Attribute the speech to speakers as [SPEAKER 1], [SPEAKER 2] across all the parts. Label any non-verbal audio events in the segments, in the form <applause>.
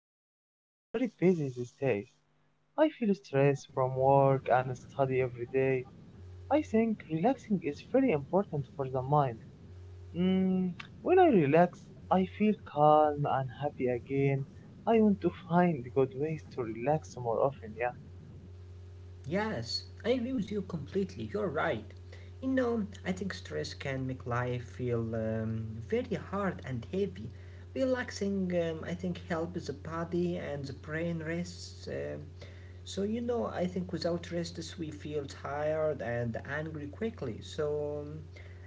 [SPEAKER 1] life is very busy these days. I feel stressed from work and study every day. I think relaxing is very important for the mind. Mm, when I relax, I feel calm and happy again. I want to find good ways to relax more often, yeah?
[SPEAKER 2] Yes, I agree with you completely. You're right. You know, I think stress can make life feel very hard and heavy. Relaxing, I think, helps the body and the brain rests. So, you know, I think without rest, we feel tired and angry quickly. So, um,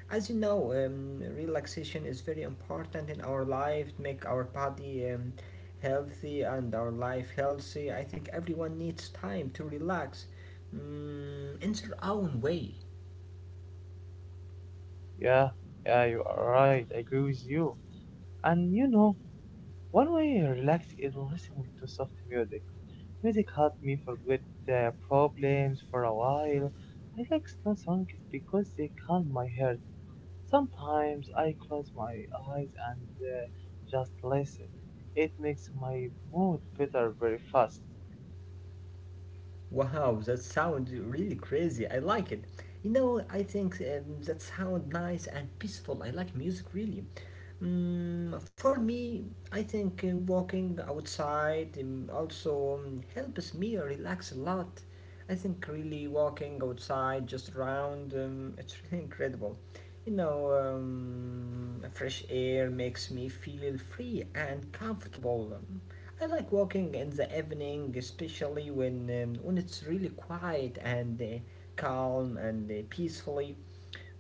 [SPEAKER 2] As you know, relaxation is very important in our life to make our body healthy and our life healthy. I think everyone needs time to relax in their own way.
[SPEAKER 1] Yeah, yeah, you are right, I agree with you. And you know, one way I relax is listening to soft music. Music helped me forget problems for a while. I like slow songs because they calm my heart. Sometimes I close my eyes and just listen. It makes my mood better very fast.
[SPEAKER 2] Wow, that sounds really crazy. I like it. You know, I think that sounds nice and peaceful. I like music really. For me, I think walking outside also helps me relax a lot. I think really walking outside, just around, <laughs> it's really incredible. You know, fresh air makes me feel free and comfortable. I like walking in the evening, especially when it's really quiet and calm and peacefully.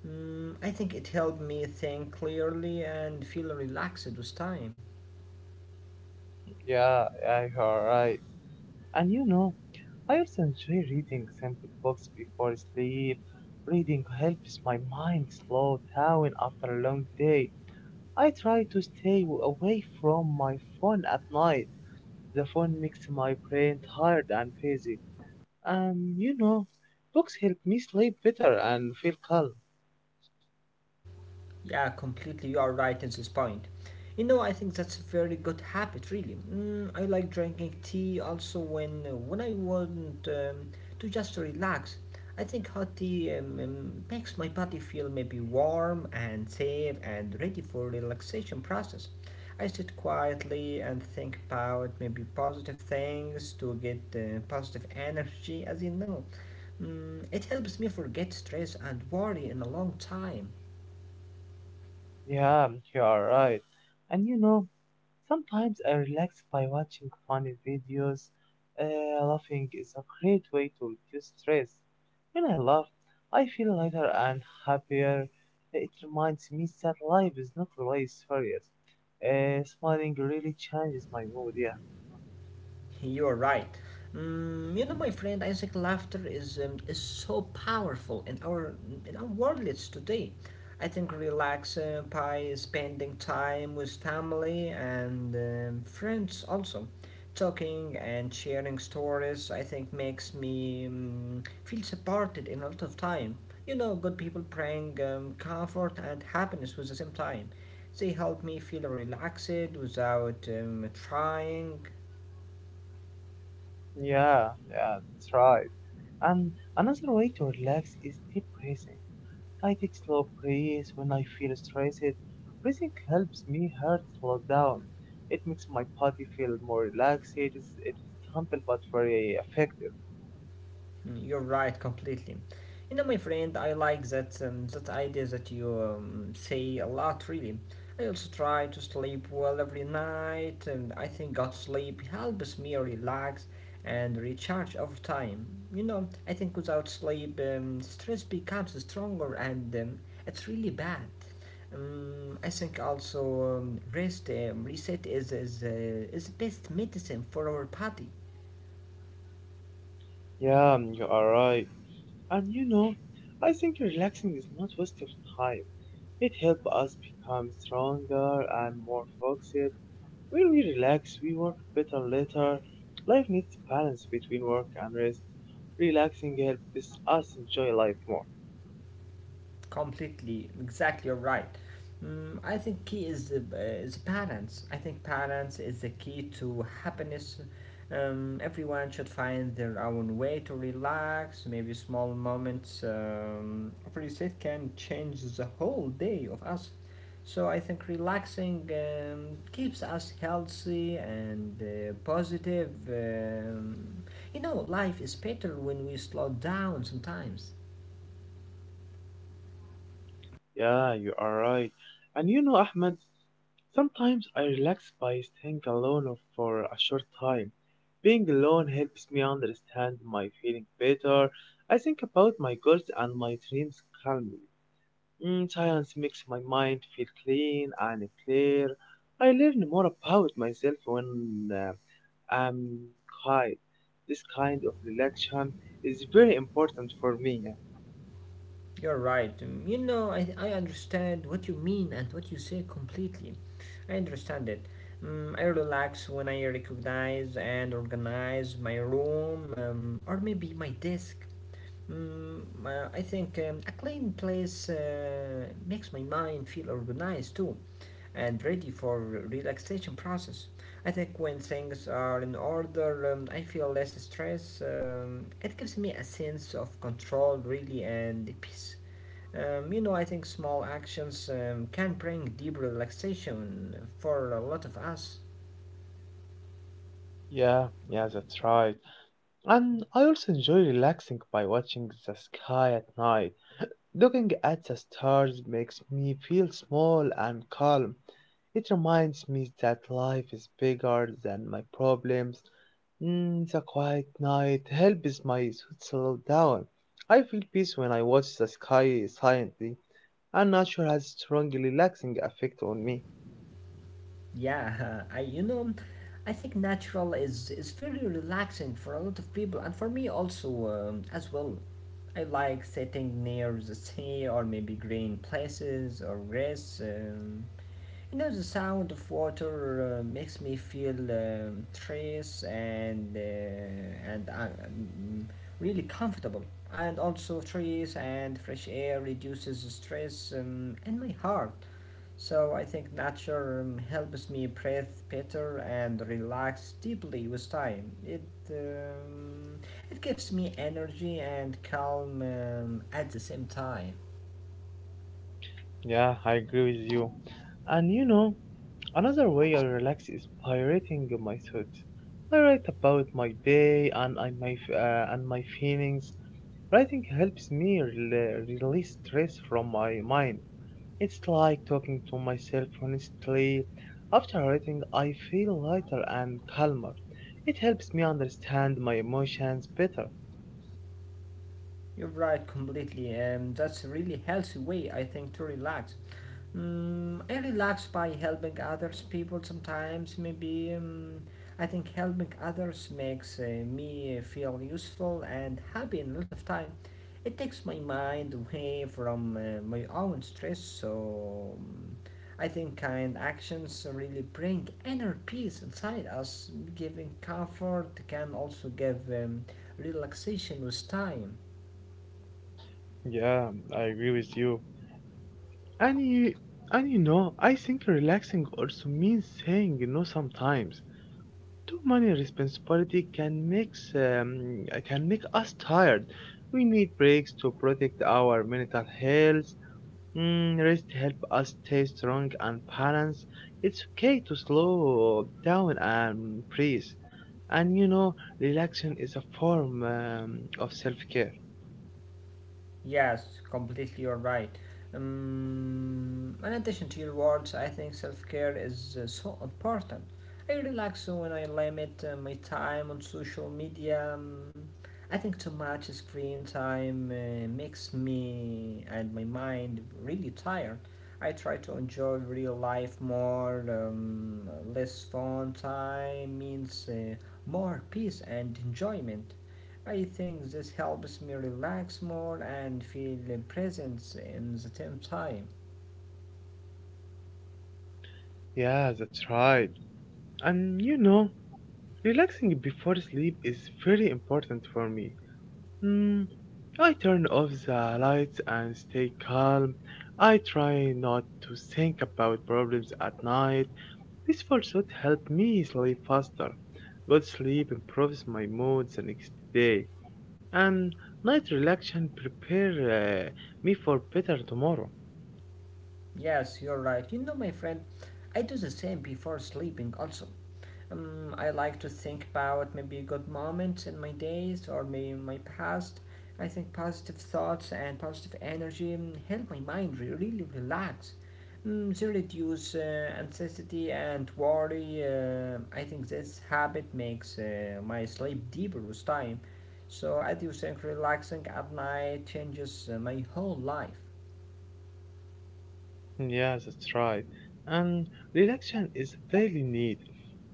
[SPEAKER 2] I think it helped me think clearly and feel relaxed with time.
[SPEAKER 1] Yeah, I you right. And you know, I also enjoy reading sample books before sleep. Reading helps my mind slow down after a long day. I try to stay away from my phone at night. The phone makes my brain tired and busy. Um, you know, books help me sleep better and feel calm.
[SPEAKER 2] Yeah, completely. You are right in this point. You know, I think that's a very good habit, really. Mm, I like drinking tea also when I want to just relax. I think hot tea makes my body feel maybe warm and safe and ready for relaxation process. I sit quietly and think about maybe positive things to get positive energy, as you know. It helps me forget stress and worry in a long time.
[SPEAKER 1] Yeah, you are right. And you know, sometimes I relax by watching funny videos. Laughing is a great way to reduce stress. When I laugh, I feel lighter and happier. It reminds me that life is not always serious. Smiling really changes my mood, yeah.
[SPEAKER 2] You're right. Mm, you know, my friend, I think laughter is so powerful in our worlds today. I think relax by spending time with family and friends also. Talking and sharing stories, I think, makes me feel supported in a lot of time. You know, good people bring comfort and happiness with the same time. They help me feel relaxed without trying.
[SPEAKER 1] Yeah, yeah, that's right. And another way to relax is deep breathing. I take slow breaths when I feel stressed. Breathing helps me heart slow down. It makes my body feel more relaxed. It's simple but very effective.
[SPEAKER 2] Mm, you're right, completely. You know, my friend, I like that that idea that you say a lot. Really, I also try to sleep well every night, and I think good sleep helps me relax and recharge over time. You know, I think without sleep, stress becomes stronger, and it's really bad. I think also rest, reset is best medicine for our body.
[SPEAKER 1] Yeah, mm, you are right. And you know, I think relaxing is not waste of time. It helps us become stronger and more focused. When we relax, we work better later. Life needs balance between work and rest. Relaxing helps us enjoy life more.
[SPEAKER 2] Completely, exactly, you're right. Mm, I think key is balance. I think balance is the key to happiness. Everyone should find their own way to relax. Maybe small moments of reset can change the whole day of us. So I think relaxing keeps us healthy and positive. You know, life is better when we slow down sometimes.
[SPEAKER 1] Yeah, you are right. And you know, Ahmed, sometimes I relax by staying alone or for a short time. Being alone helps me understand my feeling better. I think about my goals and my dreams calmly. Mm, silence makes my mind feel clean and clear. I learn more about myself when I'm quiet. This kind of relaxation is very important for me.
[SPEAKER 2] You're right. You know, I understand what you mean and what you say completely. I understand it. I relax when I recognize and organize my room or maybe my desk. I think a clean place makes my mind feel organized too and ready for relaxation process. I think when things are in order, I feel less stress. It gives me a sense of control, really, and peace. You know, I think small actions can bring deep relaxation for a lot of us.
[SPEAKER 1] Yeah, yeah, that's right. And I also enjoy relaxing by watching the sky at night. Looking at the stars makes me feel small and calm. It reminds me that life is bigger than my problems. Mm, the quiet night helps my thoughts slow down. I feel peace when I watch the sky silently, and nature has strong relaxing effect on me.
[SPEAKER 2] Yeah, <laughs> I think natural is very relaxing for a lot of people and for me also as well. I like sitting near the sea or maybe green places or grass. You know, the sound of water makes me feel trace and really comfortable. And also, trees and fresh air reduces the stress in my heart. So I think nature helps me breathe better and relax deeply with time. It gives me energy and calm at the same time.
[SPEAKER 1] Yeah, I agree with you. And you know, another way I relax is by writing my thoughts. I write about my day and and my feelings. Writing helps me release stress from my mind. It's like talking to myself honestly. After writing, I feel lighter and calmer. It helps me understand my emotions better.
[SPEAKER 2] You're right, completely. That's a really healthy way, I think, to relax. Mm, I relax by helping others people sometimes. Maybe I think helping others makes me feel useful and happy in a lot of time. It takes my mind away from my own stress, so I think kind actions really bring inner peace inside us. Giving comfort can also give relaxation with time.
[SPEAKER 1] Yeah, I agree with you. And you, and you know, I think relaxing also means saying no sometimes. Too many responsibility can make us tired. We need breaks to protect our mental health. Mm, rest help us stay strong and balanced. It's okay to slow down and breathe. And you know, relaxation is a form of self-care.
[SPEAKER 2] Yes, completely you're right. In addition to your words, I think self care is so important. I relax when I limit my time on social media. I think too much screen time makes me and my mind really tired. I try to enjoy real life more. Less phone time means more peace and enjoyment. I think this helps me relax more and feel presence in the same time.
[SPEAKER 1] Yeah, that's right. And you know, relaxing before sleep is very important for me. Mm, I turn off the lights and stay calm. I try not to think about problems at night. This thought helps me sleep faster. Good sleep improves my mood the next day, and night relaxation prepare uh, me for better tomorrow.
[SPEAKER 2] Yes, you're right. You know, my friend, I do the same before sleeping also. I like to think about maybe good moments in my days or maybe my past. I think positive thoughts and positive energy help my mind really relax. They reduce anxiety and worry. I think this habit makes my sleep deeper with time. So I do think relaxing at night changes my whole life.
[SPEAKER 1] Yeah, that's right. And relaxation is a daily need.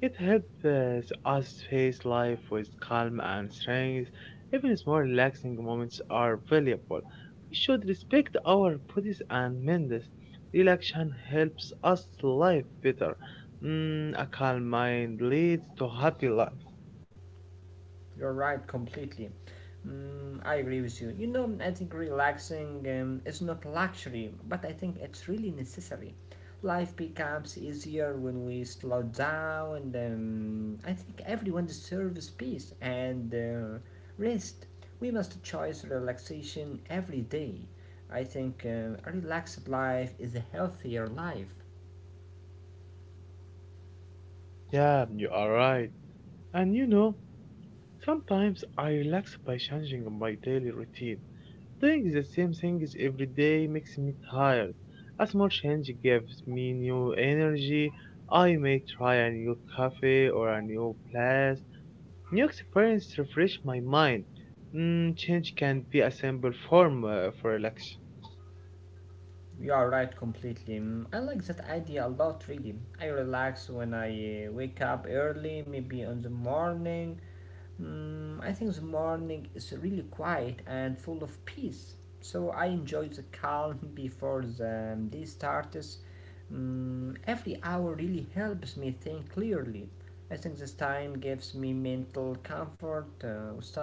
[SPEAKER 1] It helps us face life with calm and strength. Even small relaxing moments are valuable. We should respect our bodies and minds. Relaxation helps us live better. Mm, a calm mind leads to happy life.
[SPEAKER 2] You're right completely. Mm, I agree with you. You know, I think relaxing is not luxury, but I think it's really necessary. Life becomes easier when we slow down, and I think everyone deserves peace and rest. We must choose relaxation every day. I think a relaxed life is a healthier life.
[SPEAKER 1] Yeah, you are right. And you know, sometimes I relax by changing my daily routine. Doing the same things every day makes me tired. A small change gives me new energy. I may try a new cafe or a new place. New experience refresh my mind. Mm, change can be a simple form for relaxation.
[SPEAKER 2] You are right completely. Mm, I like that idea a lot, really. I relax when I wake up early, maybe in the morning. Mm, I think the morning is really quiet and full of peace. So I enjoy the calm <laughs> before the day starts. Mm, every hour really helps me think clearly. I think this time gives me mental comfort with time.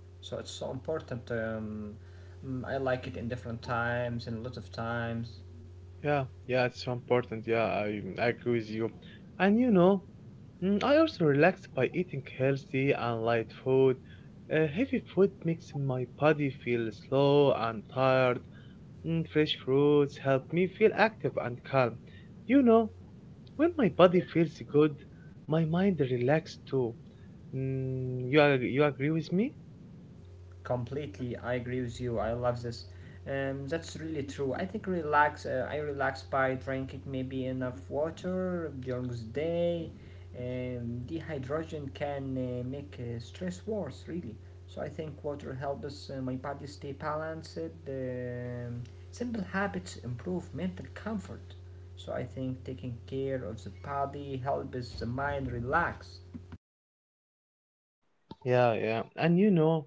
[SPEAKER 2] So it's so important. I like it in different times, in a lot of times.
[SPEAKER 1] Yeah, yeah, it's so important. Yeah, I agree with you. And you know, mm, I also relax by eating healthy and light food. Heavy food makes my body feel slow and tired. Mm, fresh fruits help me feel active and calm. You know, when my body feels good, my mind relaxes too. Mm, you agree with me?
[SPEAKER 2] Completely, I agree with you. I love this. That's really true. I think relax. I relax by drinking maybe enough water during the day. Dehydration can make stress worse, really. So I think water helps my body stay balanced. Um, simple habits improve mental comfort. So I think taking care of the body helps the mind relax.
[SPEAKER 1] Yeah, yeah. And you know,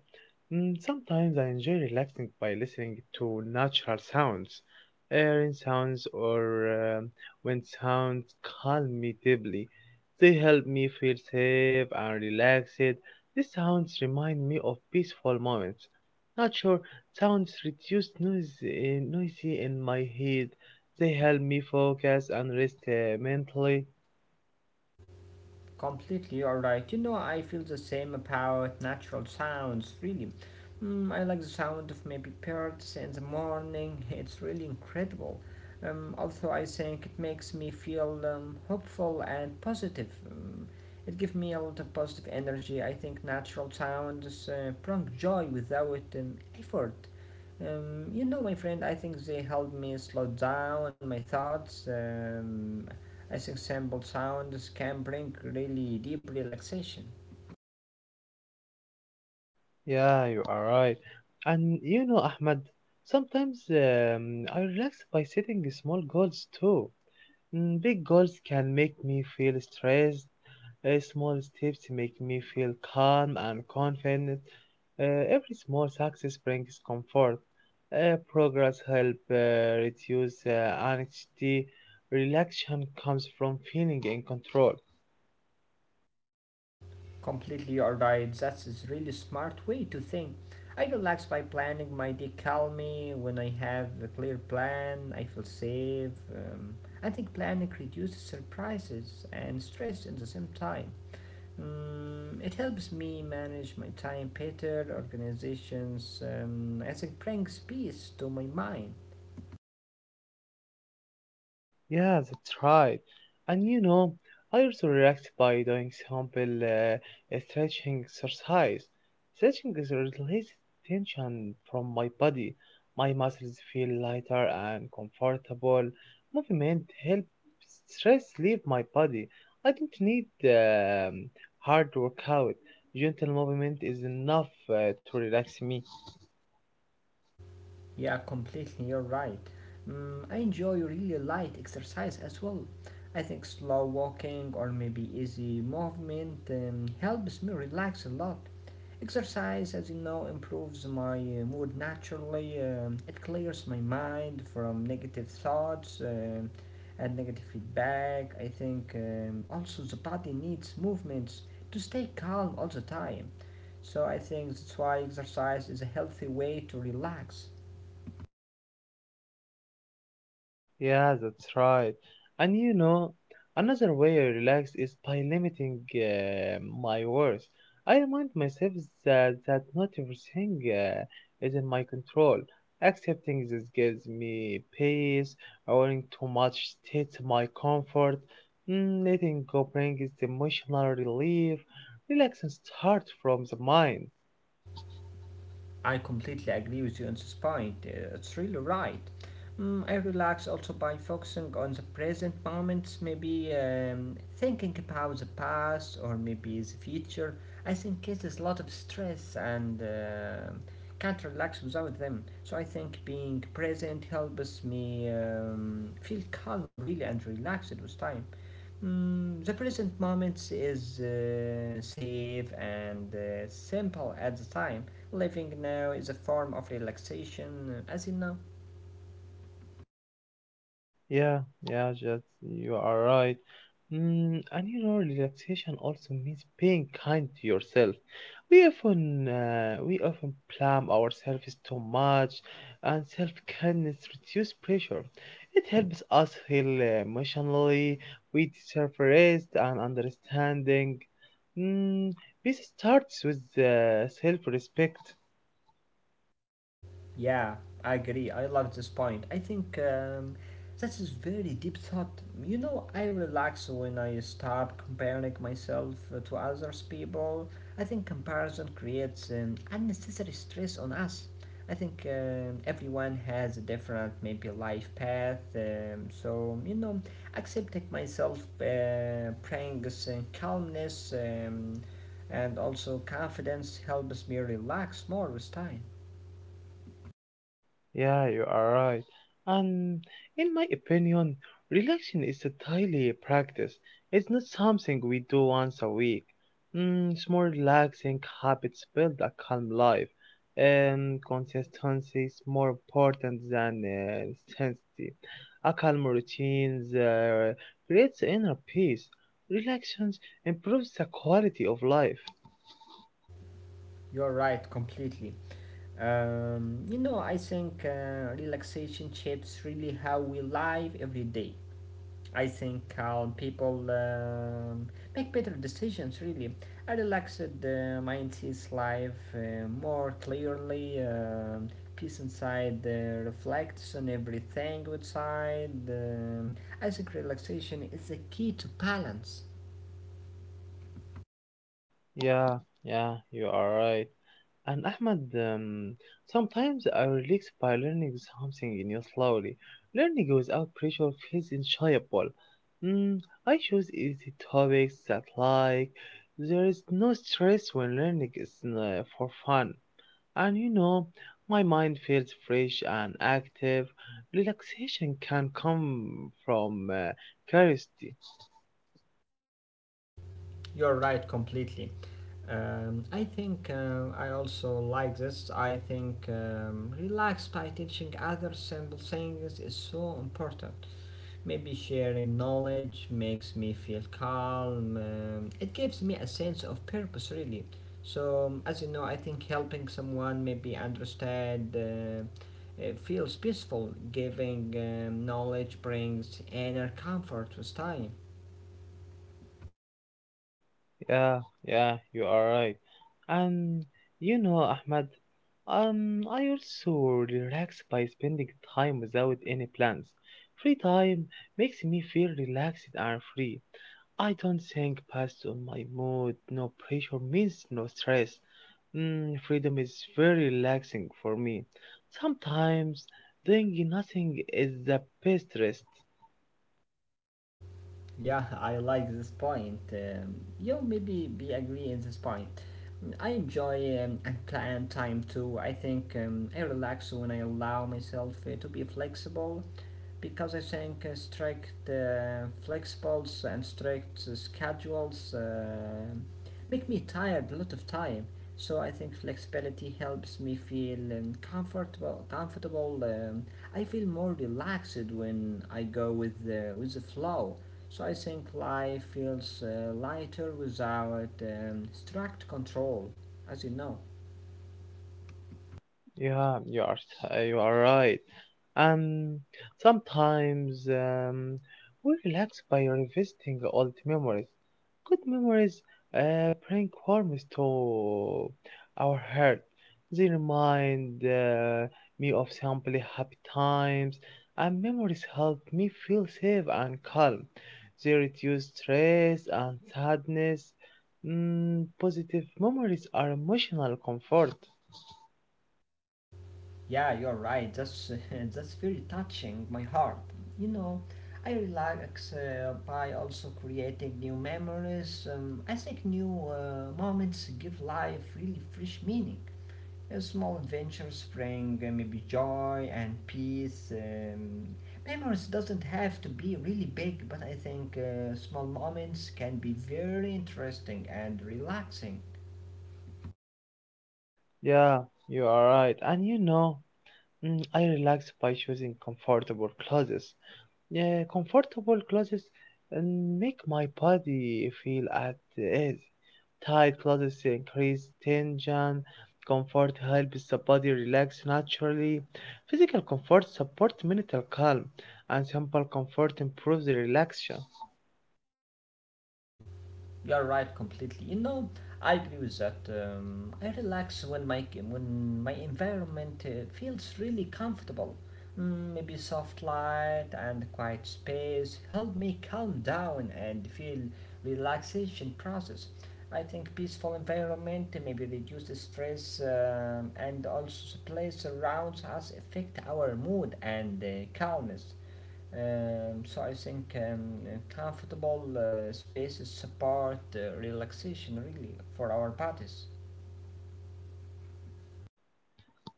[SPEAKER 1] mm, sometimes I enjoy relaxing by listening to natural sounds, rain sounds or wind sounds calm me deeply. They help me feel safe and relaxed. These sounds remind me of peaceful moments. Nature sounds reduce noise, noisy in my head. They help me focus and rest mentally.
[SPEAKER 2] Completely alright. You know, I feel the same about natural sounds, really. Mm, I like the sound of maybe birds in the morning, it's really incredible. Also, I think it makes me feel hopeful and positive. It gives me a lot of positive energy. I think natural sounds bring joy without effort. You know, my friend, I think they help me slow down my thoughts as example sounds can bring really deep relaxation.
[SPEAKER 1] Yeah, you are right. And you know, Ahmed, sometimes I relax by setting small goals too. Mm, big goals can make me feel stressed. Small steps make me feel calm and confident. Every small success brings comfort. Progress help reduce anxiety. Relaxation comes from feeling in control.
[SPEAKER 2] Completely alright, that's a really smart way to think. I relax by planning my day calmly. When I have a clear plan, I feel safe. I think planning reduces surprises and stress at the same time. It helps me manage my time better, organizations, I think brings peace to my mind.
[SPEAKER 1] Yeah, that's right. And you know, I also react by doing simple stretching exercise. Stretching is releases tension from my body. My muscles feel lighter and comfortable. Movement helps stress leave my body. I don't need hard workout. Gentle movement is enough to relax me.
[SPEAKER 2] Yeah, completely. You're right. Mm, I enjoy really light exercise as well. I think slow walking or maybe easy movement helps me relax a lot. Exercise, as you know, improves my mood naturally. It clears my mind from negative thoughts and negative feedback. I think also the body needs movements to stay calm all the time. So I think that's why exercise is a healthy way to relax.
[SPEAKER 1] Yeah, that's right. And you know, another way I relax is by limiting my words. I remind myself that not everything is in my control. Accepting this gives me peace, owning too much state my comfort, mm, letting go brings emotional relief. Relaxing starts from the mind.
[SPEAKER 2] I completely agree with you on this point. It's really right. Mm, I relax also by focusing on the present moments, maybe thinking about the past or maybe the future. I think it is a lot of stress and can't relax without them. So I think being present helps me feel calm, really, and relaxed with time. Mm, the present moment is safe and simple at the time. Living now is a form of relaxation, as you know.
[SPEAKER 1] Yeah, yeah, just you are right. Mm, and you know, relaxation also means being kind to yourself. We often blame ourselves too much, and self-kindness reduces pressure. It helps us heal emotionally. We deserve rest and understanding. Mm, peace starts with self-respect.
[SPEAKER 2] Yeah, I agree. I love this point. I think that is very deep thought. You know, I relax when I stop comparing myself to others people. I think comparison creates unnecessary stress on us. I think everyone has a different maybe life path. So you know, accepting myself brings calmness and also confidence helps me relax more with time.
[SPEAKER 1] Yeah, you are right. And in my opinion, relaxation is a daily practice. It's not something we do once a week. Mm, small relaxing habits build a calm life. And consistency is more important than intensity. A calm routine creates inner peace. Relaxation improves the quality of life.
[SPEAKER 2] You're right, completely. You know, I think relaxation shapes really how we live every day. I think calm people make better decisions, really. A relaxed mind sees life more clearly. Peace inside reflects on everything outside. I think relaxation is the key to balance.
[SPEAKER 1] Yeah, yeah, you are right. And Ahmed, sometimes I relax by learning something new slowly. Learning without pressure feels enjoyable. Mm, I choose easy topics that like. There is no stress when learning is for fun. And you know, my mind feels fresh and active. Relaxation can come from curiosity.
[SPEAKER 2] You're right, completely. I think I also like this. I think relax by teaching other simple things is so important. Maybe sharing knowledge makes me feel calm. It gives me a sense of purpose, really. So, as you know, I think helping someone maybe understand feels peaceful. Giving knowledge brings inner comfort with time.
[SPEAKER 1] Yeah, yeah, you are right. And you know, Ahmad, I also relax by spending time without any plans. Free time makes me feel relaxed and free. I don't think past on my mood. No pressure means no stress. Mm, freedom is very relaxing for me. Sometimes doing nothing is the best rest.
[SPEAKER 2] Yeah, I like this point. You maybe be agree in this point. Mm, I enjoy and plan time too. I think I relax when I allow myself to be flexible because I think strict flexibles and strict schedules make me tired a lot of time. So I think flexibility helps me feel comfortable. Comfortable. I feel more relaxed when I go with the flow. So I think life feels lighter without strict control, as you know.
[SPEAKER 1] Yeah, you are right. And sometimes we relax by revisiting old memories. Good memories bring warmth to our heart. They remind me of simply happy times, and memories help me feel safe and calm. They reduce stress and sadness. Mm, positive memories are emotional comfort.
[SPEAKER 2] Yeah, you're right. That's <laughs> that's very touching my heart. You know, I relax by also creating new memories. I think new moments give life really fresh meaning. Small adventures bring maybe joy and peace. Memories doesn't have to be really big, but I think small moments can be very interesting and relaxing.
[SPEAKER 1] Yeah, you are right. And you know, mm, I relax by choosing comfortable clothes. Yeah, comfortable clothes and make my body feel at ease. Tight clothes increase tension. Comfort helps the body relax naturally. Physical comfort supports mental calm, and simple comfort improves relaxation.
[SPEAKER 2] You're right completely. You know, I agree with that. I relax when my environment feels really comfortable. Mm, maybe soft light and quiet space help me calm down and feel relaxation process. I think peaceful environment maybe reduce the stress and also the place around us affect our mood and calmness. So I think comfortable spaces support relaxation really for our bodies.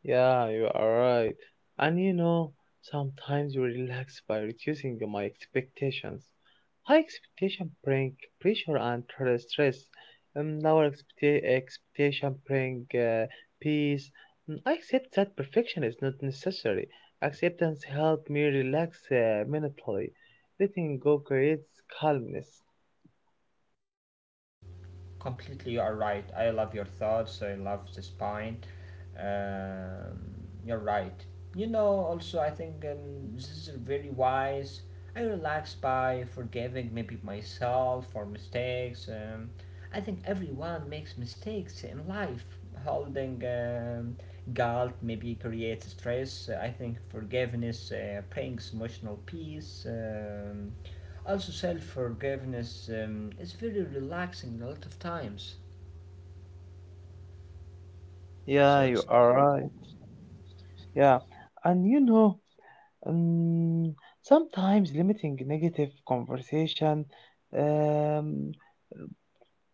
[SPEAKER 1] Yeah, you are right. And you know, sometimes you relax by reducing my expectations. High expectation bring pressure and stress. Lower expectation bring peace. Mm, I accept that perfection is not necessary. Acceptance helps me relax mentally. Letting go creates calmness.
[SPEAKER 2] Completely you are right. I love your thoughts. I love this point. Um, you're right. You know, also, I think this is very wise. I relax by forgiving maybe myself for mistakes. I think everyone makes mistakes in life. Holding guilt maybe creates stress. I think forgiveness brings emotional peace. Also, self forgiveness is very relaxing a lot of times. So
[SPEAKER 1] Yeah,
[SPEAKER 2] it's
[SPEAKER 1] you are right. Yeah, and you know. Um, sometimes limiting negative conversation. Um,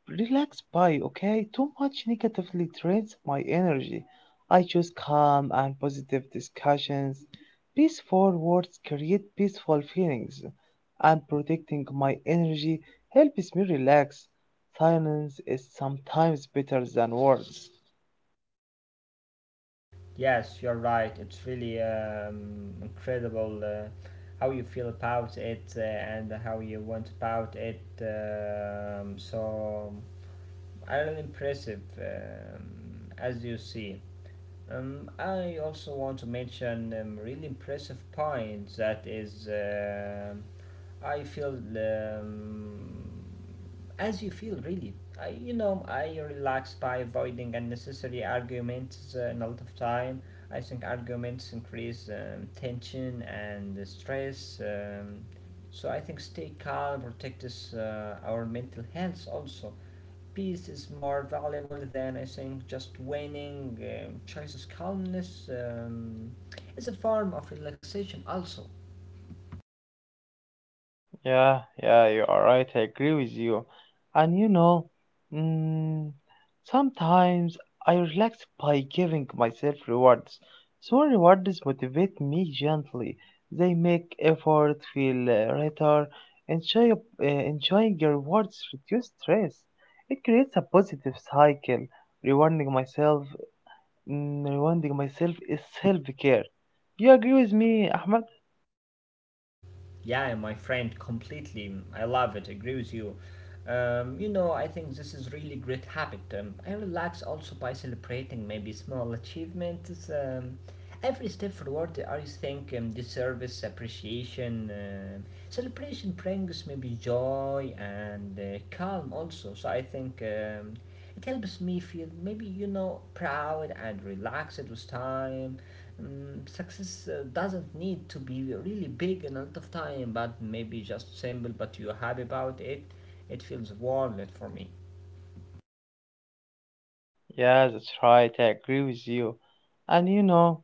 [SPEAKER 1] relax by, okay? Too much negatively drains my energy. I choose calm and positive discussions. Peaceful words create peaceful feelings, and protecting my energy helps me relax. Silence is sometimes better than words.
[SPEAKER 2] yes, you're right. It's really incredible how you feel about it and how you went about it. So really impressive as you see. I also want to mention really impressive point that is. I feel as you feel, really. You know, I relax by avoiding unnecessary arguments and a lot of time. I think arguments increase tension and stress. So I think stay calm, protect us, our mental health also. Peace is more valuable than I think just winning. Choices calmness is a form of relaxation also.
[SPEAKER 1] Yeah, yeah, you are right. I agree with you. And you know, mm, sometimes I relax by giving myself rewards. Small rewards motivate me gently. They make effort feel lighter. Enjoying your rewards reduce stress. It creates a positive cycle. Rewarding myself, rewarding myself is self-care. You agree with me, Ahmed?
[SPEAKER 2] Yeah, my friend, completely. Mm, I love it. Agree with you. You know, I think this is really great habit. I relax also by celebrating maybe small achievements. Every step forward, I think this service appreciation, celebration brings maybe joy and calm also. So I think it helps me feel maybe, you know, proud and relaxed with time. Success doesn't need to be really big and a lot of time, but maybe just simple, but you're happy about it. It feels worth it for me.
[SPEAKER 1] Yeah, that's right. I agree with you. And you know,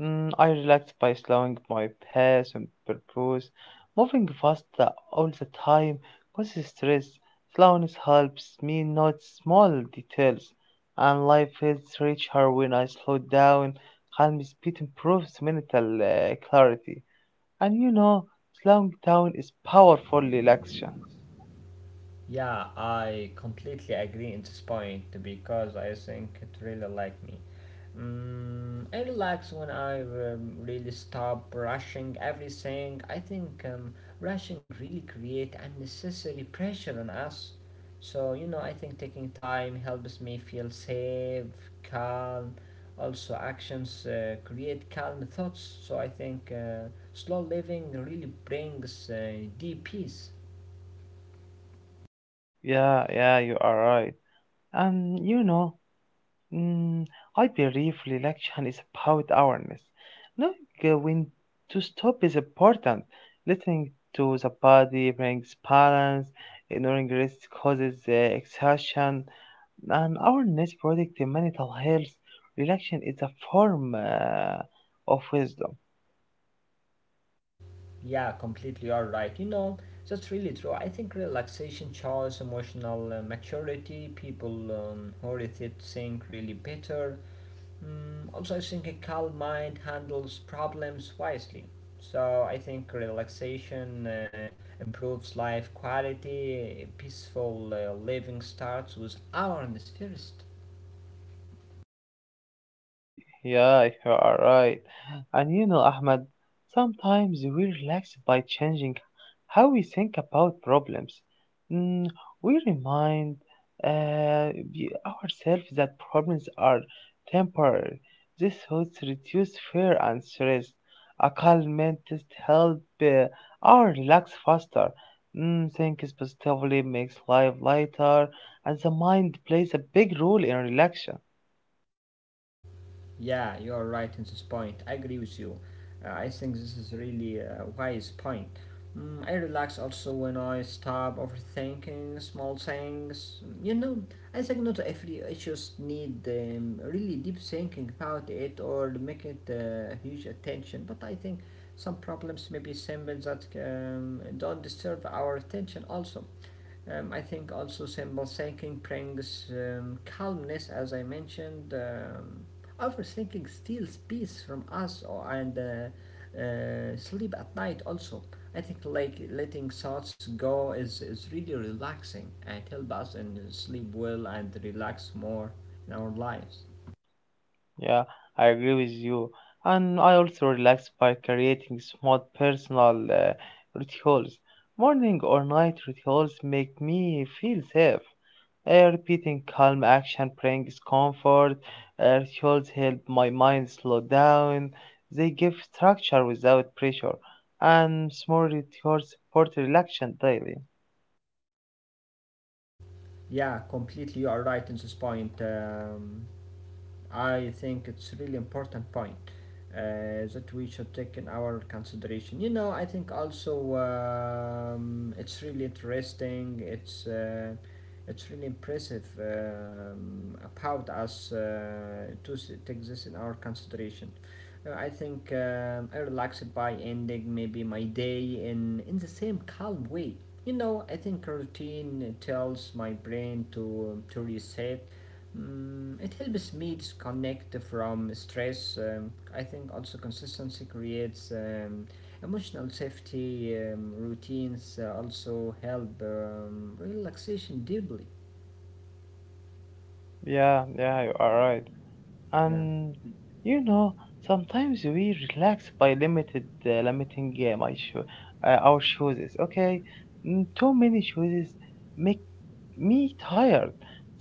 [SPEAKER 1] mm, I relax by slowing my pace on purpose. Moving fast all the time causes stress. Slowness helps me notice small details, and life feels richer when I slow down. Calm speed improves mental clarity. And you know, slowing down is powerful relaxation.
[SPEAKER 2] Yeah, I completely agree in this point because I think it really like me. Mm, I relax when I really stop rushing everything. I think rushing really create unnecessary pressure on us. So you know, I think taking time helps me feel safe, calm. Also, actions create calm thoughts. So I think slow living really brings deep peace.
[SPEAKER 1] Yeah, yeah, you are right. And you know, mm, I believe relaxation is about awareness. Knowing when to stop is important. Listening to the body brings balance, ignoring rest causes exhaustion, and awareness protects mental health. Relaxation is a form of wisdom.
[SPEAKER 2] Yeah, completely. You're right. You know, that's really true. I think relaxation shows emotional maturity. People who read it think really better. Mm, also, I think a calm mind handles problems wisely. So I think relaxation improves life quality. Peaceful living starts with awareness first.
[SPEAKER 1] Yeah, you are right. And you know, Ahmed, sometimes we relax by changing how we think about problems. Mm, we remind ourselves that problems are temporary. These thoughts reduce fear and stress. A calm mental help our relax faster. Mm, thinking positively makes life lighter, and the mind plays a big role in relaxation.
[SPEAKER 2] Yeah, you are right in this point. I agree with you. I think this is really a wise point. Mm, I relax also when I stop overthinking small things. You know, I think not every issues need really deep thinking about it or make it huge attention. But I think some problems may be simple that don't deserve our attention also. I think also symbol-thinking brings calmness, as I mentioned. Overthinking steals peace from us or, and sleep at night also. I think like letting thoughts go is really relaxing and help us and sleep well and relax more in our lives.
[SPEAKER 1] Yeah, I agree with you. And I also relax by creating small personal rituals. Morning or night rituals make me feel safe. Repeating calm action brings comfort. Rituals help my mind slow down. They give structure without pressure. And small rituals support relaxation daily.
[SPEAKER 2] Yeah, completely you are right in this point. I think it's really important point that we should take in our consideration. You know, I think also it's really interesting. It's really impressive about us to take this in our consideration. I think I relaxed by ending maybe my day in the same calm way. You know, I think routine tells my brain to reset. Mm, it helps me disconnect from stress. I think also consistency creates emotional safety. Routines also help relaxation deeply.
[SPEAKER 1] Yeah, yeah, you are right.
[SPEAKER 2] Yeah.
[SPEAKER 1] And you know, sometimes we relax by limited limiting our choices. Okay, too many choices make me tired.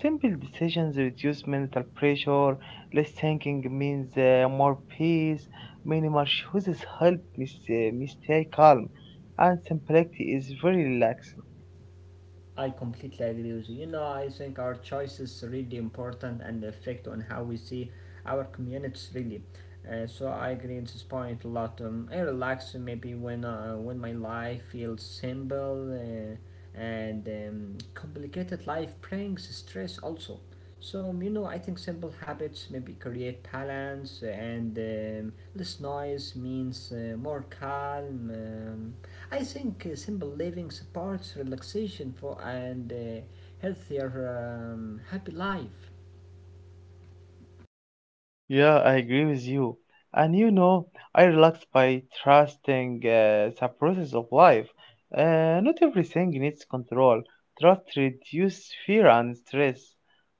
[SPEAKER 1] Simple decisions reduce mental pressure. Less thinking means more peace. Minimal choices help me stay calm, and simplicity is very relaxed.
[SPEAKER 2] I completely agree with you. You know, I think our choice is really important and affect on how we see our communities really. So I agree with this point a lot. I relax maybe when my life feels simple and complicated life brings stress also. So you know, I think simple habits maybe create balance and less noise means more calm. I think simple living supports relaxation for and healthier, happy life.
[SPEAKER 1] Yeah, I agree with you. And you know, I relax by trusting the process of life. Not everything needs control. Trust reduces fear and stress.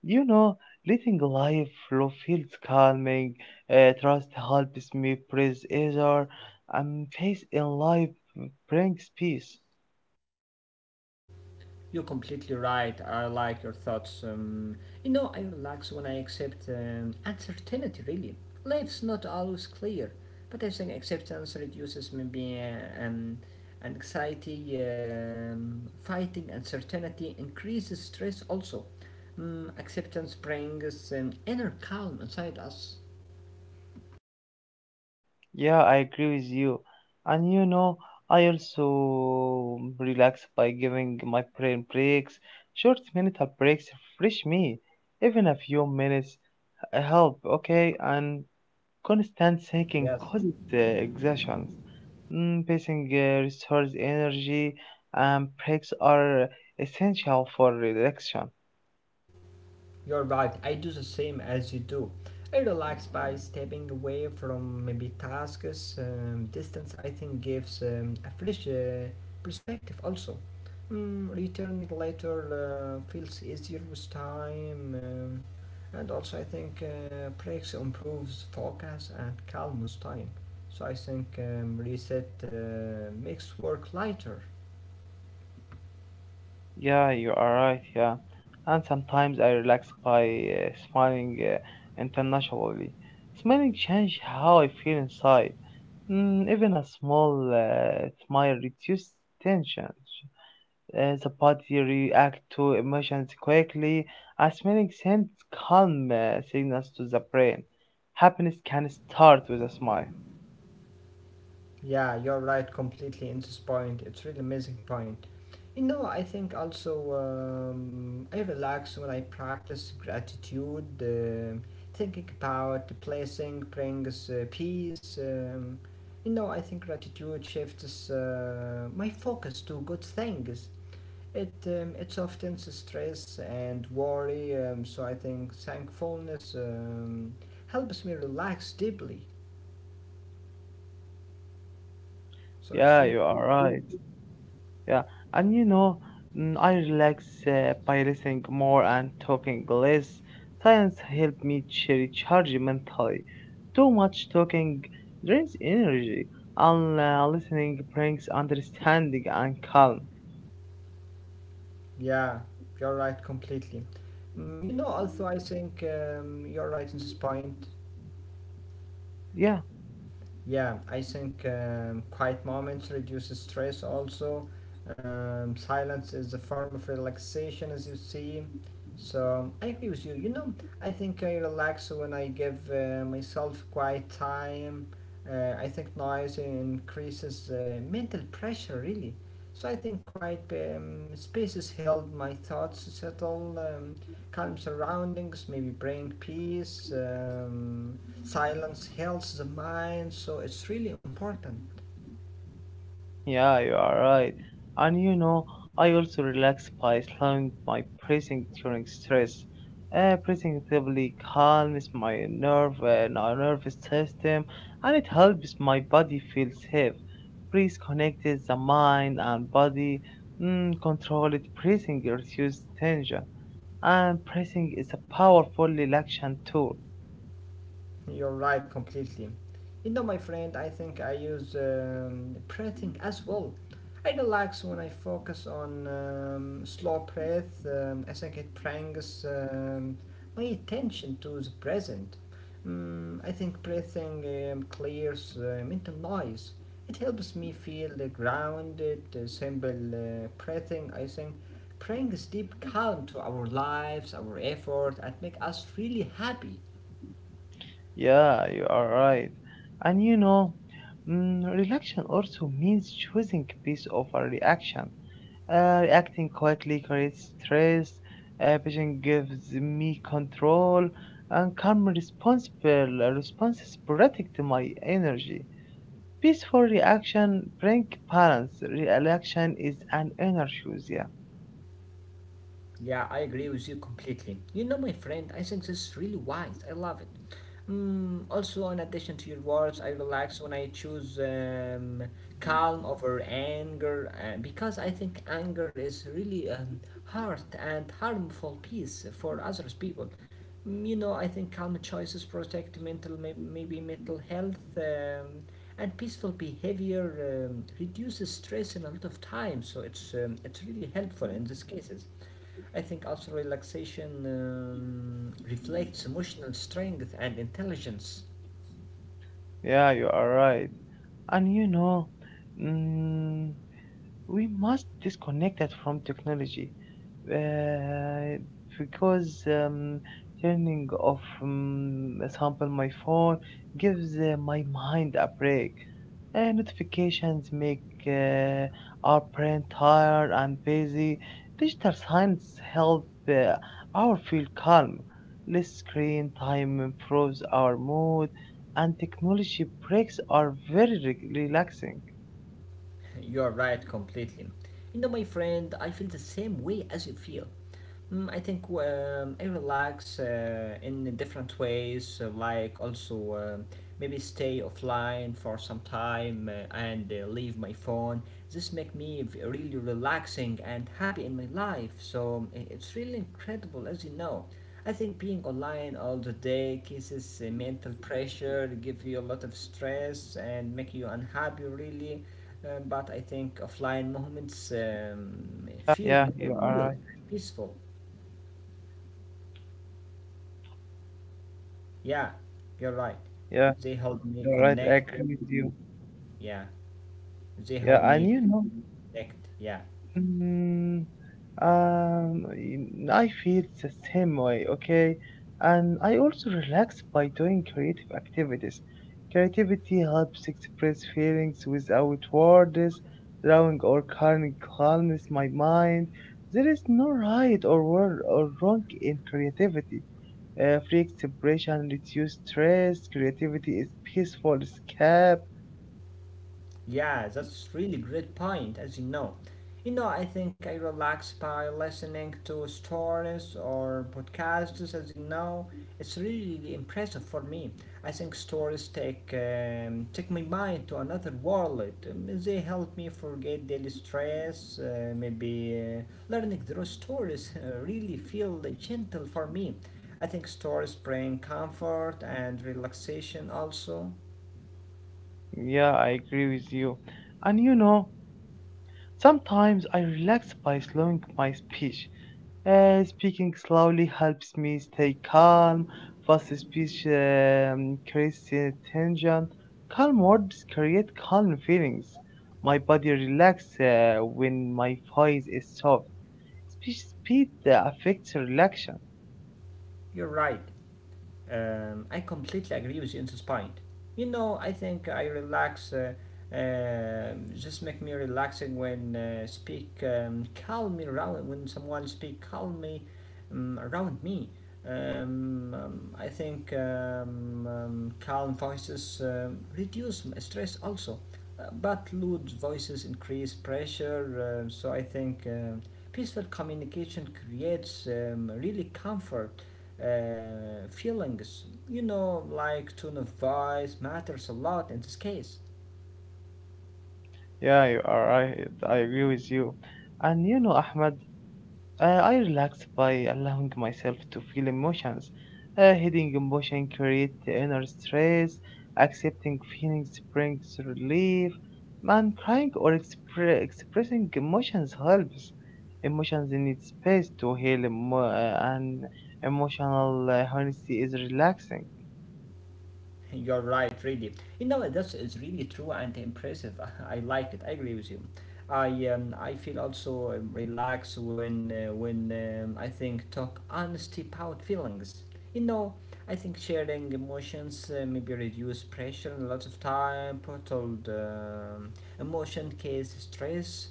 [SPEAKER 1] You know, letting life flow feels calming. Trust helps me praise easier and face in life brings peace.
[SPEAKER 2] You're completely right. I like your thoughts. You know, I relax when I accept uncertainty. Really, life's not always clear, but I think acceptance reduces maybe anxiety. Fighting uncertainty increases stress. Also, acceptance brings inner calm inside us.
[SPEAKER 1] Yeah, I agree with you. And you know, I also relax by giving my brain breaks. Short mental breaks refresh me. Even a few minutes help, okay? And constant thinking
[SPEAKER 2] Yes,
[SPEAKER 1] causes exhaustion. Mm, pacing restores energy, and breaks are essential for relaxation.
[SPEAKER 2] you're right, I do the same as you do. I relax by stepping away from maybe tasks. Distance, I think, gives a fresh perspective also. Mm, returning later feels easier with time, and also I think breaks improves focus and calm with time. So I think reset makes work lighter.
[SPEAKER 1] Yeah, you are right. Yeah, and sometimes I relax by smiling internationally. Smiling change how I feel inside. Mm, even a small smile reduces tension. The body react to emotions quickly. A smiling sends calm signals to the brain. Happiness can start with a smile.
[SPEAKER 2] Yeah, you're right completely in this point. It's really amazing point. You know, I think also I relax when I practice gratitude. Thinking about the blessing brings peace. You know, I think gratitude shifts my focus to good things. It softens the stress and worry. So I think thankfulness helps me relax deeply. So it's
[SPEAKER 1] Yeah,
[SPEAKER 2] really
[SPEAKER 1] you are right. Yeah, and you know, I relax by listening more and talking less. Silence help me recharge mentally. Too much talking drains energy, and listening brings understanding and calm.
[SPEAKER 2] yeah, you're right completely. Mm, you know, also, I think you're right in this point.
[SPEAKER 1] Yeah.
[SPEAKER 2] Yeah, I think quiet moments reduces stress also. Silence is a form of relaxation, as you see. So I agree with you. You know, I think I relax when I give myself quiet time. I think noise increases mental pressure, really. So I think quiet spaces help my thoughts to settle, calm surroundings, maybe bring peace. Silence heals the mind, so it's really important.
[SPEAKER 1] Yeah, you are right. And you know, I also relax by slowing my breathing during stress. Breathing deeply calms my nerve and our nervous system, and it helps my body feel safe. Breathe connected the mind and body. Mm, controlled breathing reduces tension, and breathing is a powerful relaxation tool.
[SPEAKER 2] You're right, completely. You know, my friend, I think I use breathing as well. I relax when I focus on slow breath. I think it brings my attention to the present. Mm, I think breathing clears mental noise. It helps me feel grounded. Simple breathing, I think, brings deep calm to our lives, our effort, and make us really happy.
[SPEAKER 1] Yeah, you are right. And you know, relaxation also means choosing peace over reaction. Reacting quietly creates stress, patient gives me control, and calm responsible responses protect my energy. Peaceful reaction bring balance. Reaction is an energy. Yeah,
[SPEAKER 2] Yeah, I agree with you completely. You know, my friend, I think this is really wise. I love it. Mm, also, in addition to your words, I relax when I choose calm over anger because I think anger is really hard and harmful piece for others people. Mm, you know, I think calm choices protect mental, maybe mental health, and peaceful behavior reduces stress in a lot of time. So it's really helpful in these cases. I think also relaxation reflects emotional strength and intelligence.
[SPEAKER 1] yeah, you are right. And you know, mm we must disconnect it from technology, uh, because turning off, example, my phone gives my mind a break. Notifications make uh, our brain tired and busy. Digital signs help our feel calm. Less screen time improves our mood, and technology breaks are very relaxing.
[SPEAKER 2] You're right, completely. You know, my friend, I feel the same way as you feel. Mm, I think I relax in different ways, like also maybe stay offline for some time and leave my phone. This make me really relaxing and happy in my life. So it's really incredible, as you know. I think being online all the day causes mental pressure, give you a lot of stress, and make you unhappy. Really, but I think offline moments
[SPEAKER 1] Yeah, yeah, you are right.
[SPEAKER 2] feel more real and peaceful. Yeah, you're
[SPEAKER 1] Yeah,
[SPEAKER 2] right. They
[SPEAKER 1] you're
[SPEAKER 2] help
[SPEAKER 1] right. I
[SPEAKER 2] me
[SPEAKER 1] agree with
[SPEAKER 2] connect.
[SPEAKER 1] you.
[SPEAKER 2] Yeah,
[SPEAKER 1] Yeah,
[SPEAKER 2] they
[SPEAKER 1] and
[SPEAKER 2] help
[SPEAKER 1] you
[SPEAKER 2] me
[SPEAKER 1] know,
[SPEAKER 2] connect. Yeah,
[SPEAKER 1] mm, I feel the same way, okay? And I also relax by doing creative activities. Creativity helps express feelings without words, allowing or calming calms my mind. There is no right or wrong in creativity. Free expression reduces stress. Creativity is peaceful escape.
[SPEAKER 2] yeah, that's really great point, as you know. You know, I think I relax by listening to stories or podcasts, as you know. It's really impressive for me. I think stories take my mind to another world. They help me forget daily stress. Maybe learning through stories really feel gentle for me. I think stories bring comfort and relaxation also.
[SPEAKER 1] Yeah, I agree with you. And you know, sometimes I relax by slowing my speech. Speaking slowly helps me stay calm. Fast speech creates tension. Calm words create calm feelings. My body relaxes when my voice is soft. Speech speed that affects relaxation.
[SPEAKER 2] You're right. I completely agree with you on this point. You know, I think I relax. Just make me relaxing when speak calmly around when someone speak calmly around me. I think calm voices reduce stress also, but loud voices increase pressure. So I think peaceful communication creates really comfort feelings. You know, like tone of voice matters a lot in this case.
[SPEAKER 1] Yeah, you are right. I agree with you. And you know, Ahmed, I relax by allowing myself to feel emotions. Hiding emotion creates inner stress. Accepting feelings brings relief. Man, crying or expressing emotions helps. Emotions need space to heal, and emotional honesty is relaxing.
[SPEAKER 2] You're right, really. You know, that's is really true and impressive. <laughs> I like it. I agree with you. I feel also relaxed when I think talk honesty about feelings. You know, I think sharing emotions maybe reduce pressure and a lot of time, put all the emotion, case stress.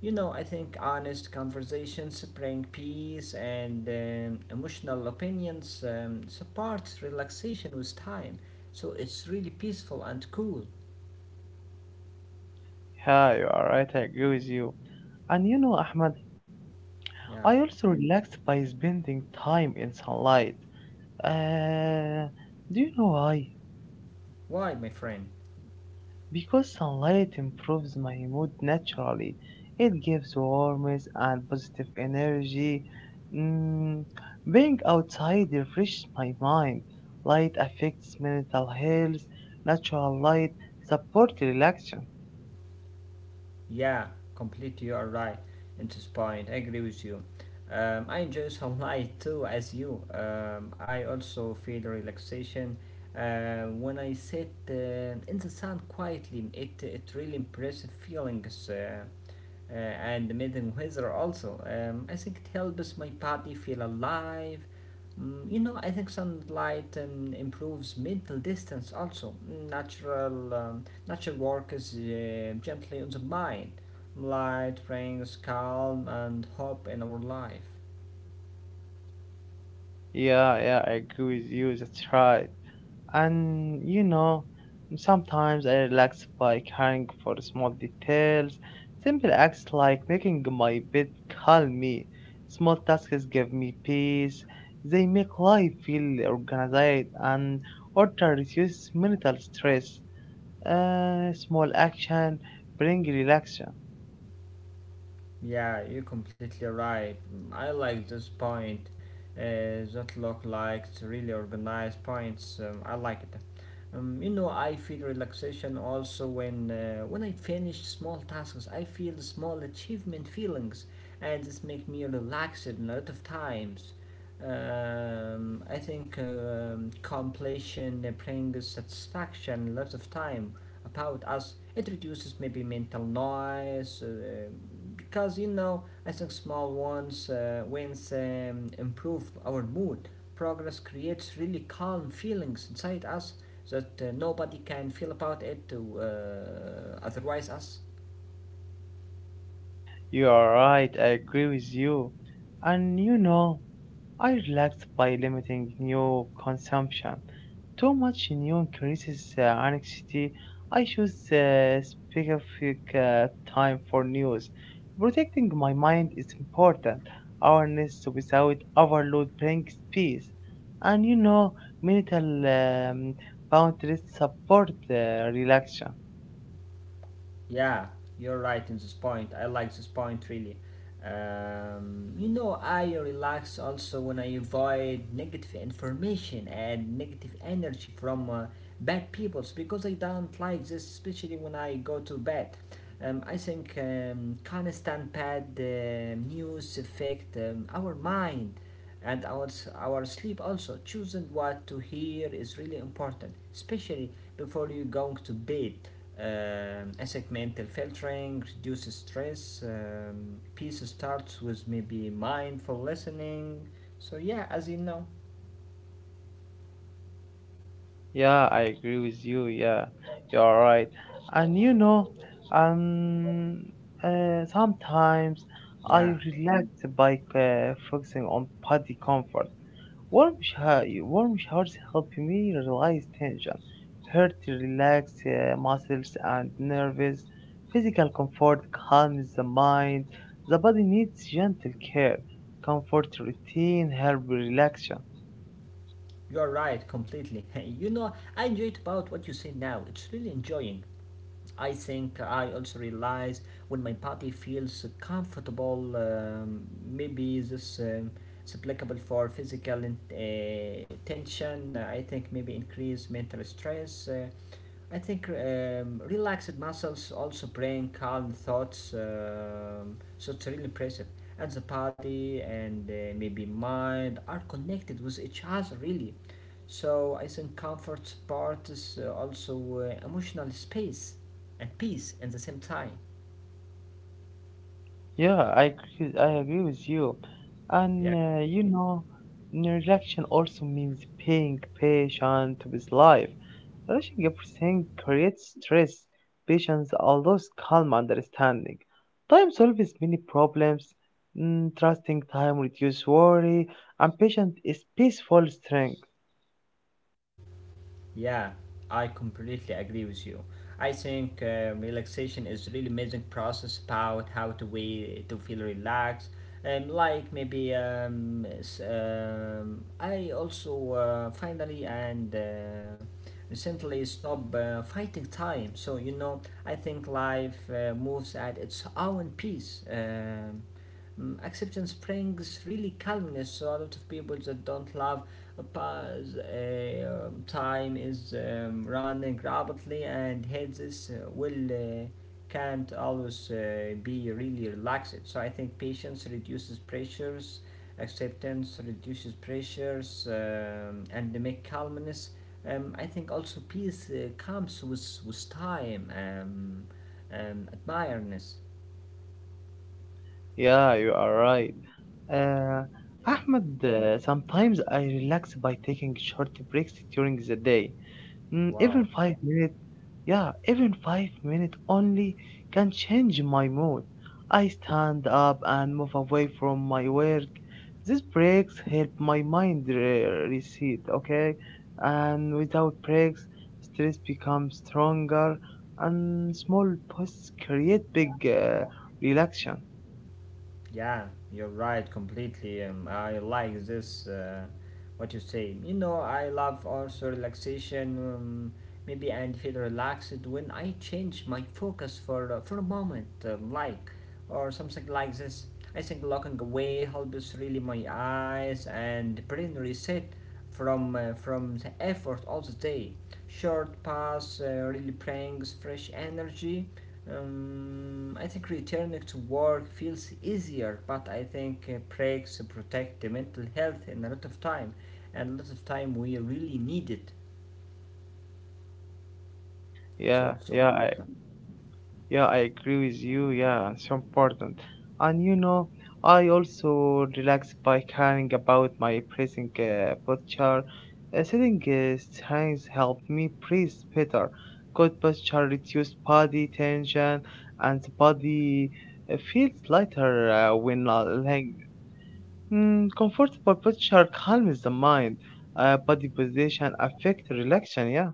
[SPEAKER 2] You know, I think honest conversations bring peace and emotional opinions support relaxation with time. So it's really peaceful and cool.
[SPEAKER 1] Yeah, you are right. I agree with you. And you know, Ahmad,
[SPEAKER 2] Yeah.
[SPEAKER 1] I also relax by spending time in sunlight. Uh, do you know why?
[SPEAKER 2] Why, my friend?
[SPEAKER 1] Because sunlight improves my mood naturally. It gives warmth and positive energy. Mm, being outside refreshes my mind. Light affects mental health. Natural light supports relaxation.
[SPEAKER 2] Yeah, completely you are right in this point. I agree with you. I enjoy sunlight <laughs> too, as you. I also feel relaxation when I sit in the sun quietly. It really impressive feelings. And meeting weather also. I think it helps my body feel alive. You know, I think sunlight improves mental distance also. Natural, um, natural work is gently on the mind. Light brings calm and hope in our life.
[SPEAKER 1] Yeah, yeah, I agree with you. That's right. And you know, sometimes I relax by caring for small details. Simple acts like making my bed calm me. Small tasks give me peace. They make life feel organized and order reduces mental stress. Small action bring relaxation.
[SPEAKER 2] Yeah, you're completely right. I like this point. That look like really organized points. I like it. You know, I feel relaxation also when when I finish small tasks. I feel small achievement feelings, and this makes me relaxed in a lot of times. I think completion brings satisfaction a lot of time about us. It reduces maybe mental noise, because you know I think small ones wins improve our mood. Progress creates really calm feelings inside us that nobody can feel about it to otherwise us.
[SPEAKER 1] You are right. I agree with you. And you know, I relaxed by limiting new consumption. Too much new increases anxiety. I choose specific time for news. Protecting my mind is important. Awareness without overload brings peace. And you know, mental um, boundaries support relaxation.
[SPEAKER 2] Yeah, you're right in this point. I like this point really. You know, I relax also when I avoid negative information and negative energy from bad peoples because I don't like this, especially when I go to bed. I think constant bad news affect our mind and our sleep also. Choosing what to hear is really important, especially before you going to bed. Segmental filtering reduces stress. Peace starts with maybe mindful listening, so yeah, as you know.
[SPEAKER 1] Yeah, I agree with you. Yeah, you're right. And you know, um, sometimes I
[SPEAKER 2] Yeah,
[SPEAKER 1] relax by focusing on body comfort. Warm, warm showers help me release tension, hurt relax muscles and nerves. Physical comfort calms the mind. The body needs gentle care. Comfort routine help relaxation.
[SPEAKER 2] you're right completely. <laughs> You know, I enjoyed about what you say now. It's really enjoying. I think I also realize when my body feels comfortable, maybe this is applicable for physical tension. I think maybe increase mental stress. I think relaxed muscles also bring calm thoughts, so it's really impressive. And the body and maybe mind are connected with each other, really. So I think comfort part is also emotional space and peace at the same time.
[SPEAKER 1] Yeah, I agree with you. And
[SPEAKER 2] Yeah.
[SPEAKER 1] you know, neglection also means being patient with life. Rushing everything creates stress. Patience allows calm understanding. Time solves many problems. Mm, trusting time reduces worry. And patience is peaceful strength.
[SPEAKER 2] Yeah, I completely agree with you. I think relaxation is really amazing process about how to we to feel relaxed. Like maybe I also finally and recently stop fighting time. So you know, I think life moves at its own pace. Acceptance brings really calmness. So a lot of people that don't love a pause, a time is running rapidly, and heads is, will can't always be really relaxed. So I think patience reduces pressures, acceptance reduces pressures, and they make calmness. I think also peace comes with time, and admiredness.
[SPEAKER 1] Yeah, you are right. Uh,
[SPEAKER 2] Yeah.
[SPEAKER 1] Ahmed, sometimes I relax by taking short breaks during the day. Mm, even
[SPEAKER 2] Wow.
[SPEAKER 1] 5 minutes, yeah, even 5 minutes only can change my mood. I stand up and move away from my work. These breaks help my mind reset, okay? And without breaks, stress becomes stronger and small pauses create big relaxation.
[SPEAKER 2] Yeah, you're right completely. I like this, what you say. You know, I love also relaxation, maybe and feel relaxed when I change my focus for for a moment, like or something like this. I think looking away helps really my eyes and brain reset from the effort all the day. Short pass really brings fresh energy. I think returning to work feels easier, but I think breaks protect the mental health in a lot of time, and a lot of time we really need it. So
[SPEAKER 1] Yeah,
[SPEAKER 2] it's so
[SPEAKER 1] yeah,
[SPEAKER 2] important.
[SPEAKER 1] yeah, I agree with you. Yeah, it's so important. And you know, I also relax by caring about my breathing posture. Sitting strength help me breathe better. Good posture reduce body tension, and the body feels lighter when lying. Mm, comfortable posture calms the mind. Body position affect relaxation. Yeah.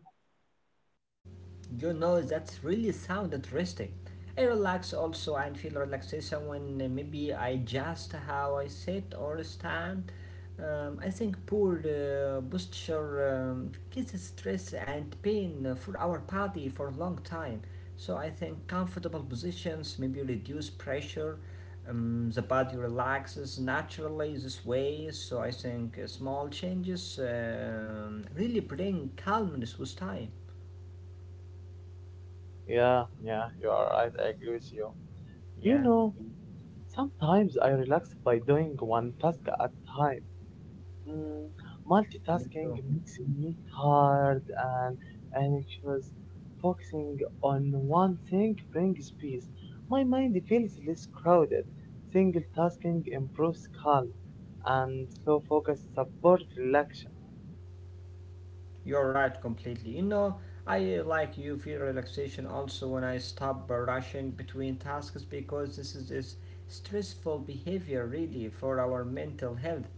[SPEAKER 2] You know, that's really sound interesting. I relax also and feel relaxation when maybe I adjust how I sit or stand. I think poor posture causes stress and pain for our body for a long time. So I think comfortable positions maybe reduce pressure. The body relaxes naturally this way. So I think small changes really bring calmness with time.
[SPEAKER 1] Yeah, yeah, you are right. I agree with you. You
[SPEAKER 2] Yeah.
[SPEAKER 1] know, sometimes I relax by doing one task at time. Mm,
[SPEAKER 2] Me
[SPEAKER 1] multitasking
[SPEAKER 2] too.
[SPEAKER 1] makes me tired and anxious. Focusing on one thing brings peace. My mind feels less crowded. Single tasking improves calm, and slow focus supports relaxation.
[SPEAKER 2] You're right completely. You know, I like you feel relaxation also when I stop rushing between tasks because this is stressful behavior really for our mental health.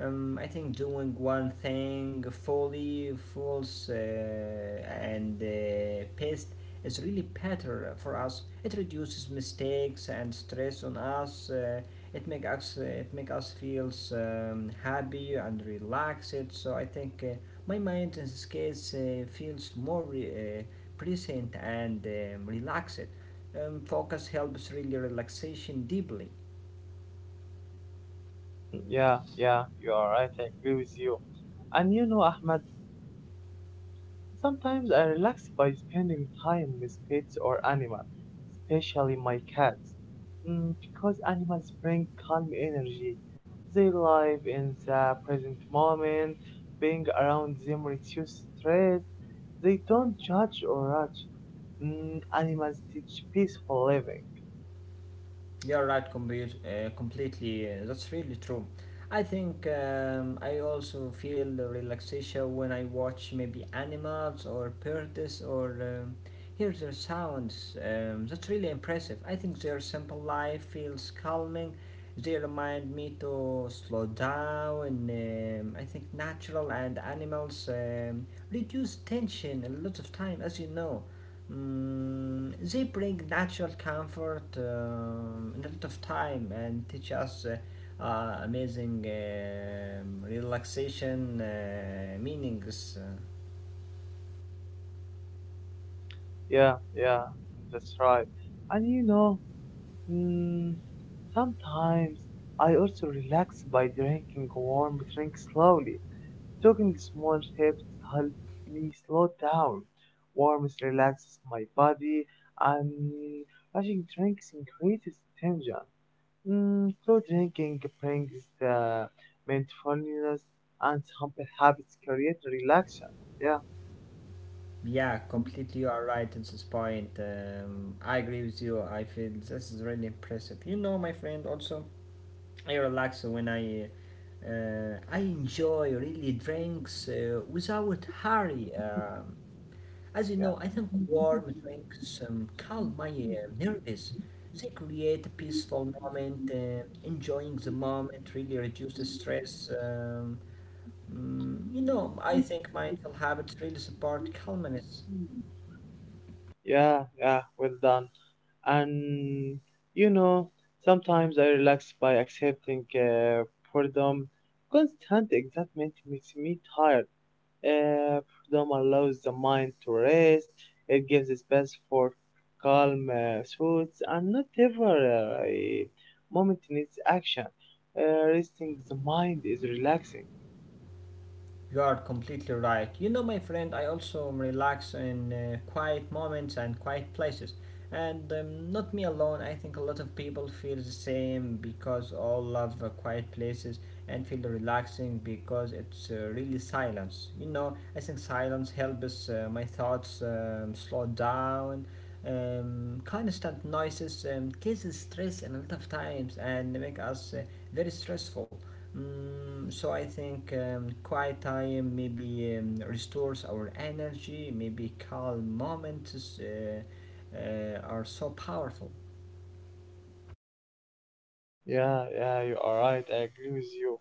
[SPEAKER 2] I think doing one thing fully, fulls, and pest is really better for us. It reduces mistakes and stress on us. It make us feels happy and relaxed. So I think my mind in this case feels more present and relaxed. Focus helps really relaxation deeply.
[SPEAKER 1] Yeah, yeah, you are right. I agree with you. And you know, Ahmed, sometimes I relax by spending time with pets or animals, especially my cats, because animals bring calm energy. They live in the present moment, being around them reduces stress. They don't judge or rush. Mm, animals teach peaceful living.
[SPEAKER 2] You're right, completely. That's really true. I think I also feel the relaxation when I watch maybe animals or birds or hear their sounds. That's really impressive. I think their simple life feels calming. They remind me to slow down. I think natural and animals reduce tension a lot of time, as you know. They bring natural comfort and a lot of time and teach us amazing relaxation meanings.
[SPEAKER 1] Yeah, yeah, that's right. And you know, mm, sometimes I also relax by drinking warm drink slowly. Taking small steps helps me slow down. Warmth relaxes my body, and rushing drinks increases tension. Mm, slow drinking brings the mindfulness, and simple habits create relaxation. Yeah,
[SPEAKER 2] Yeah, completely you are right at this point. I agree with you. I feel this is really impressive. You know, my friend, also, I relax when I. I enjoy really drinks without hurry. As you
[SPEAKER 1] yeah,
[SPEAKER 2] know, I think warm drinks calm my nerves. They create a peaceful moment. Enjoying the moment really reduces stress. You know, I think mindful habits really support calmness.
[SPEAKER 1] yeah, yeah. Well done. And you know, sometimes I relax by accepting boredom. Constant excitement makes me tired. Freedom allows the mind to rest. It gives space for calm thoughts, and not every a moment needs action. Resting the mind is relaxing.
[SPEAKER 2] You are completely right. You know, my friend, I also relax in quiet moments and quiet places. And not me alone, I think a lot of people feel the same because all love quiet places and feel relaxing because it's really silence. You know, I think silence helps my thoughts slow down. Constant noises causes stress a lot of times and make us very stressful. So I think quiet time maybe restores our energy. Maybe calm moments are so powerful.
[SPEAKER 1] Yeah, yeah, you are right. I agree with you.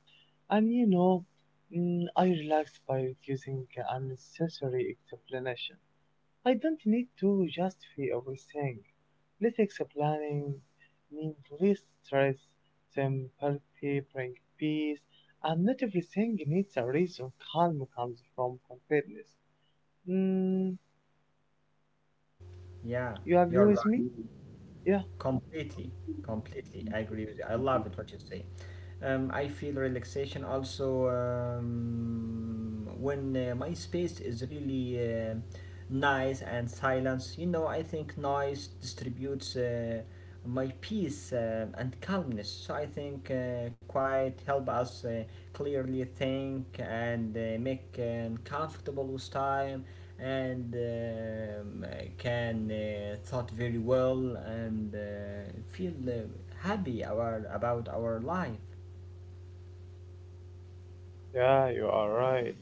[SPEAKER 1] And you know, I relax by reducing unnecessary explanation. I don't need to justify everything. Let's planning means less stress, simplicity bring peace, and not everything needs a reason. Calm comes from confidence. Mm,
[SPEAKER 2] Yeah,
[SPEAKER 1] you agree
[SPEAKER 2] you're
[SPEAKER 1] with
[SPEAKER 2] right.
[SPEAKER 1] me? Yeah.
[SPEAKER 2] Completely, completely. I agree with you. I love it what you say. I feel relaxation also when my space is really uh, nice and silence. You know, I think noise distributes my peace and calmness. So I think quiet help us clearly think and make comfortable with time and can thought very well and feel happy our, about our life.
[SPEAKER 1] Yeah, you are right.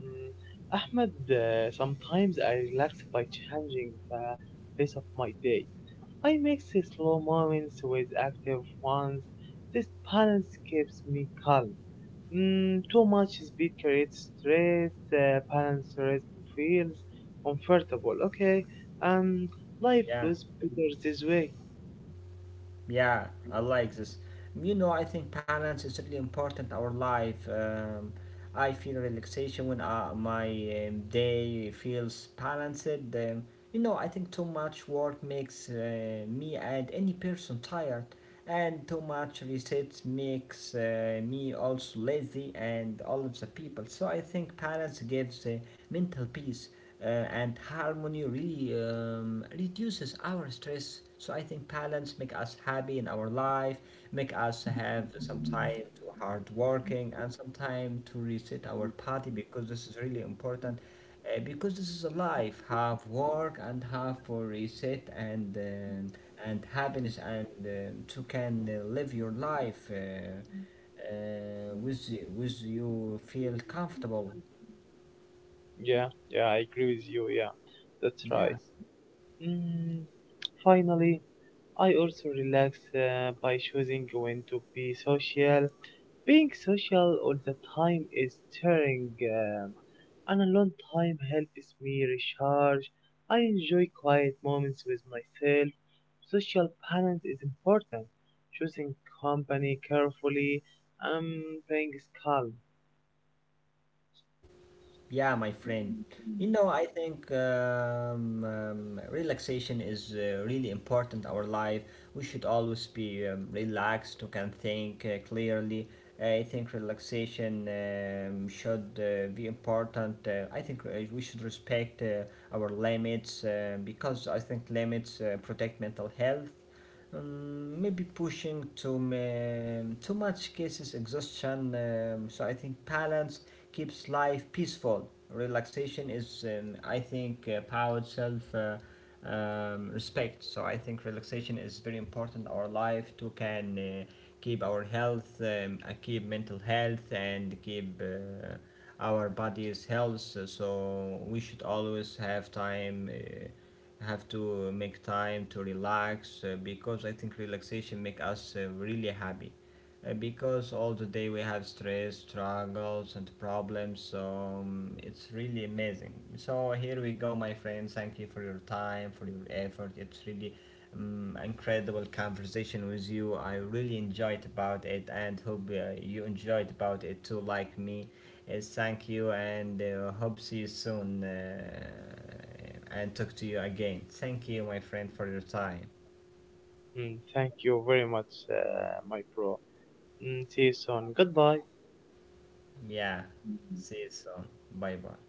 [SPEAKER 1] Mm, Ahmed, sometimes I relax by changing the pace of my day. I mix the slow moments with active ones. This balance keeps me calm. Mm, too much speed creates stress. The balance rest feels comfortable. Okay, and life
[SPEAKER 2] Yeah,
[SPEAKER 1] feels better this way.
[SPEAKER 2] yeah, I like this. You know, I think balance is really important in our life. I feel relaxation when my day feels balanced. Um, You know, I think too much work makes me and any person tired, and too much research makes me also lazy and all of the people. So I think balance gives mental peace, and harmony really reduces our stress. So I think balance make us happy in our life, make us have some time to hard working and some time to reset our body because this is really important, because this is a life, have work and have for reset and happiness and to can live your life with you feel comfortable.
[SPEAKER 1] Yeah, yeah, I agree with you. Yeah, that's
[SPEAKER 2] Yeah.
[SPEAKER 1] right. Mm, finally, I also relax by choosing when to be social. Being social all the time is tiring, and a long time helps me recharge. I enjoy quiet moments with myself. Social balance is important. Choosing company carefully um, brings calm.
[SPEAKER 2] Yeah, my friend. You know, I think relaxation is really important in our life. We should always be relaxed, to can think clearly. I think relaxation should be important. I think we should respect our limits because I think limits protect mental health. Maybe pushing too much cases exhaustion. So I think balance keeps life peaceful. Relaxation is, I think, about self respect. So I think relaxation is very important in our life to can keep our health, keep mental health, and keep our body's health. So we should always have time. Have to make time to relax because I think relaxation make us really happy. Because all the day we have stress, struggles, and problems, so it's really amazing. So here we go, my friends. Thank you for your time, for your effort. It's really incredible conversation with you. I really enjoyed about it, and hope you enjoyed about it too, like me. Thank you, and hope see you soon, and talk to you again. Thank you, my friend, for your time.
[SPEAKER 1] Mm, thank you very much, my bro. Mm, see you soon. Goodbye.
[SPEAKER 2] Yeah, see you soon. Bye bye.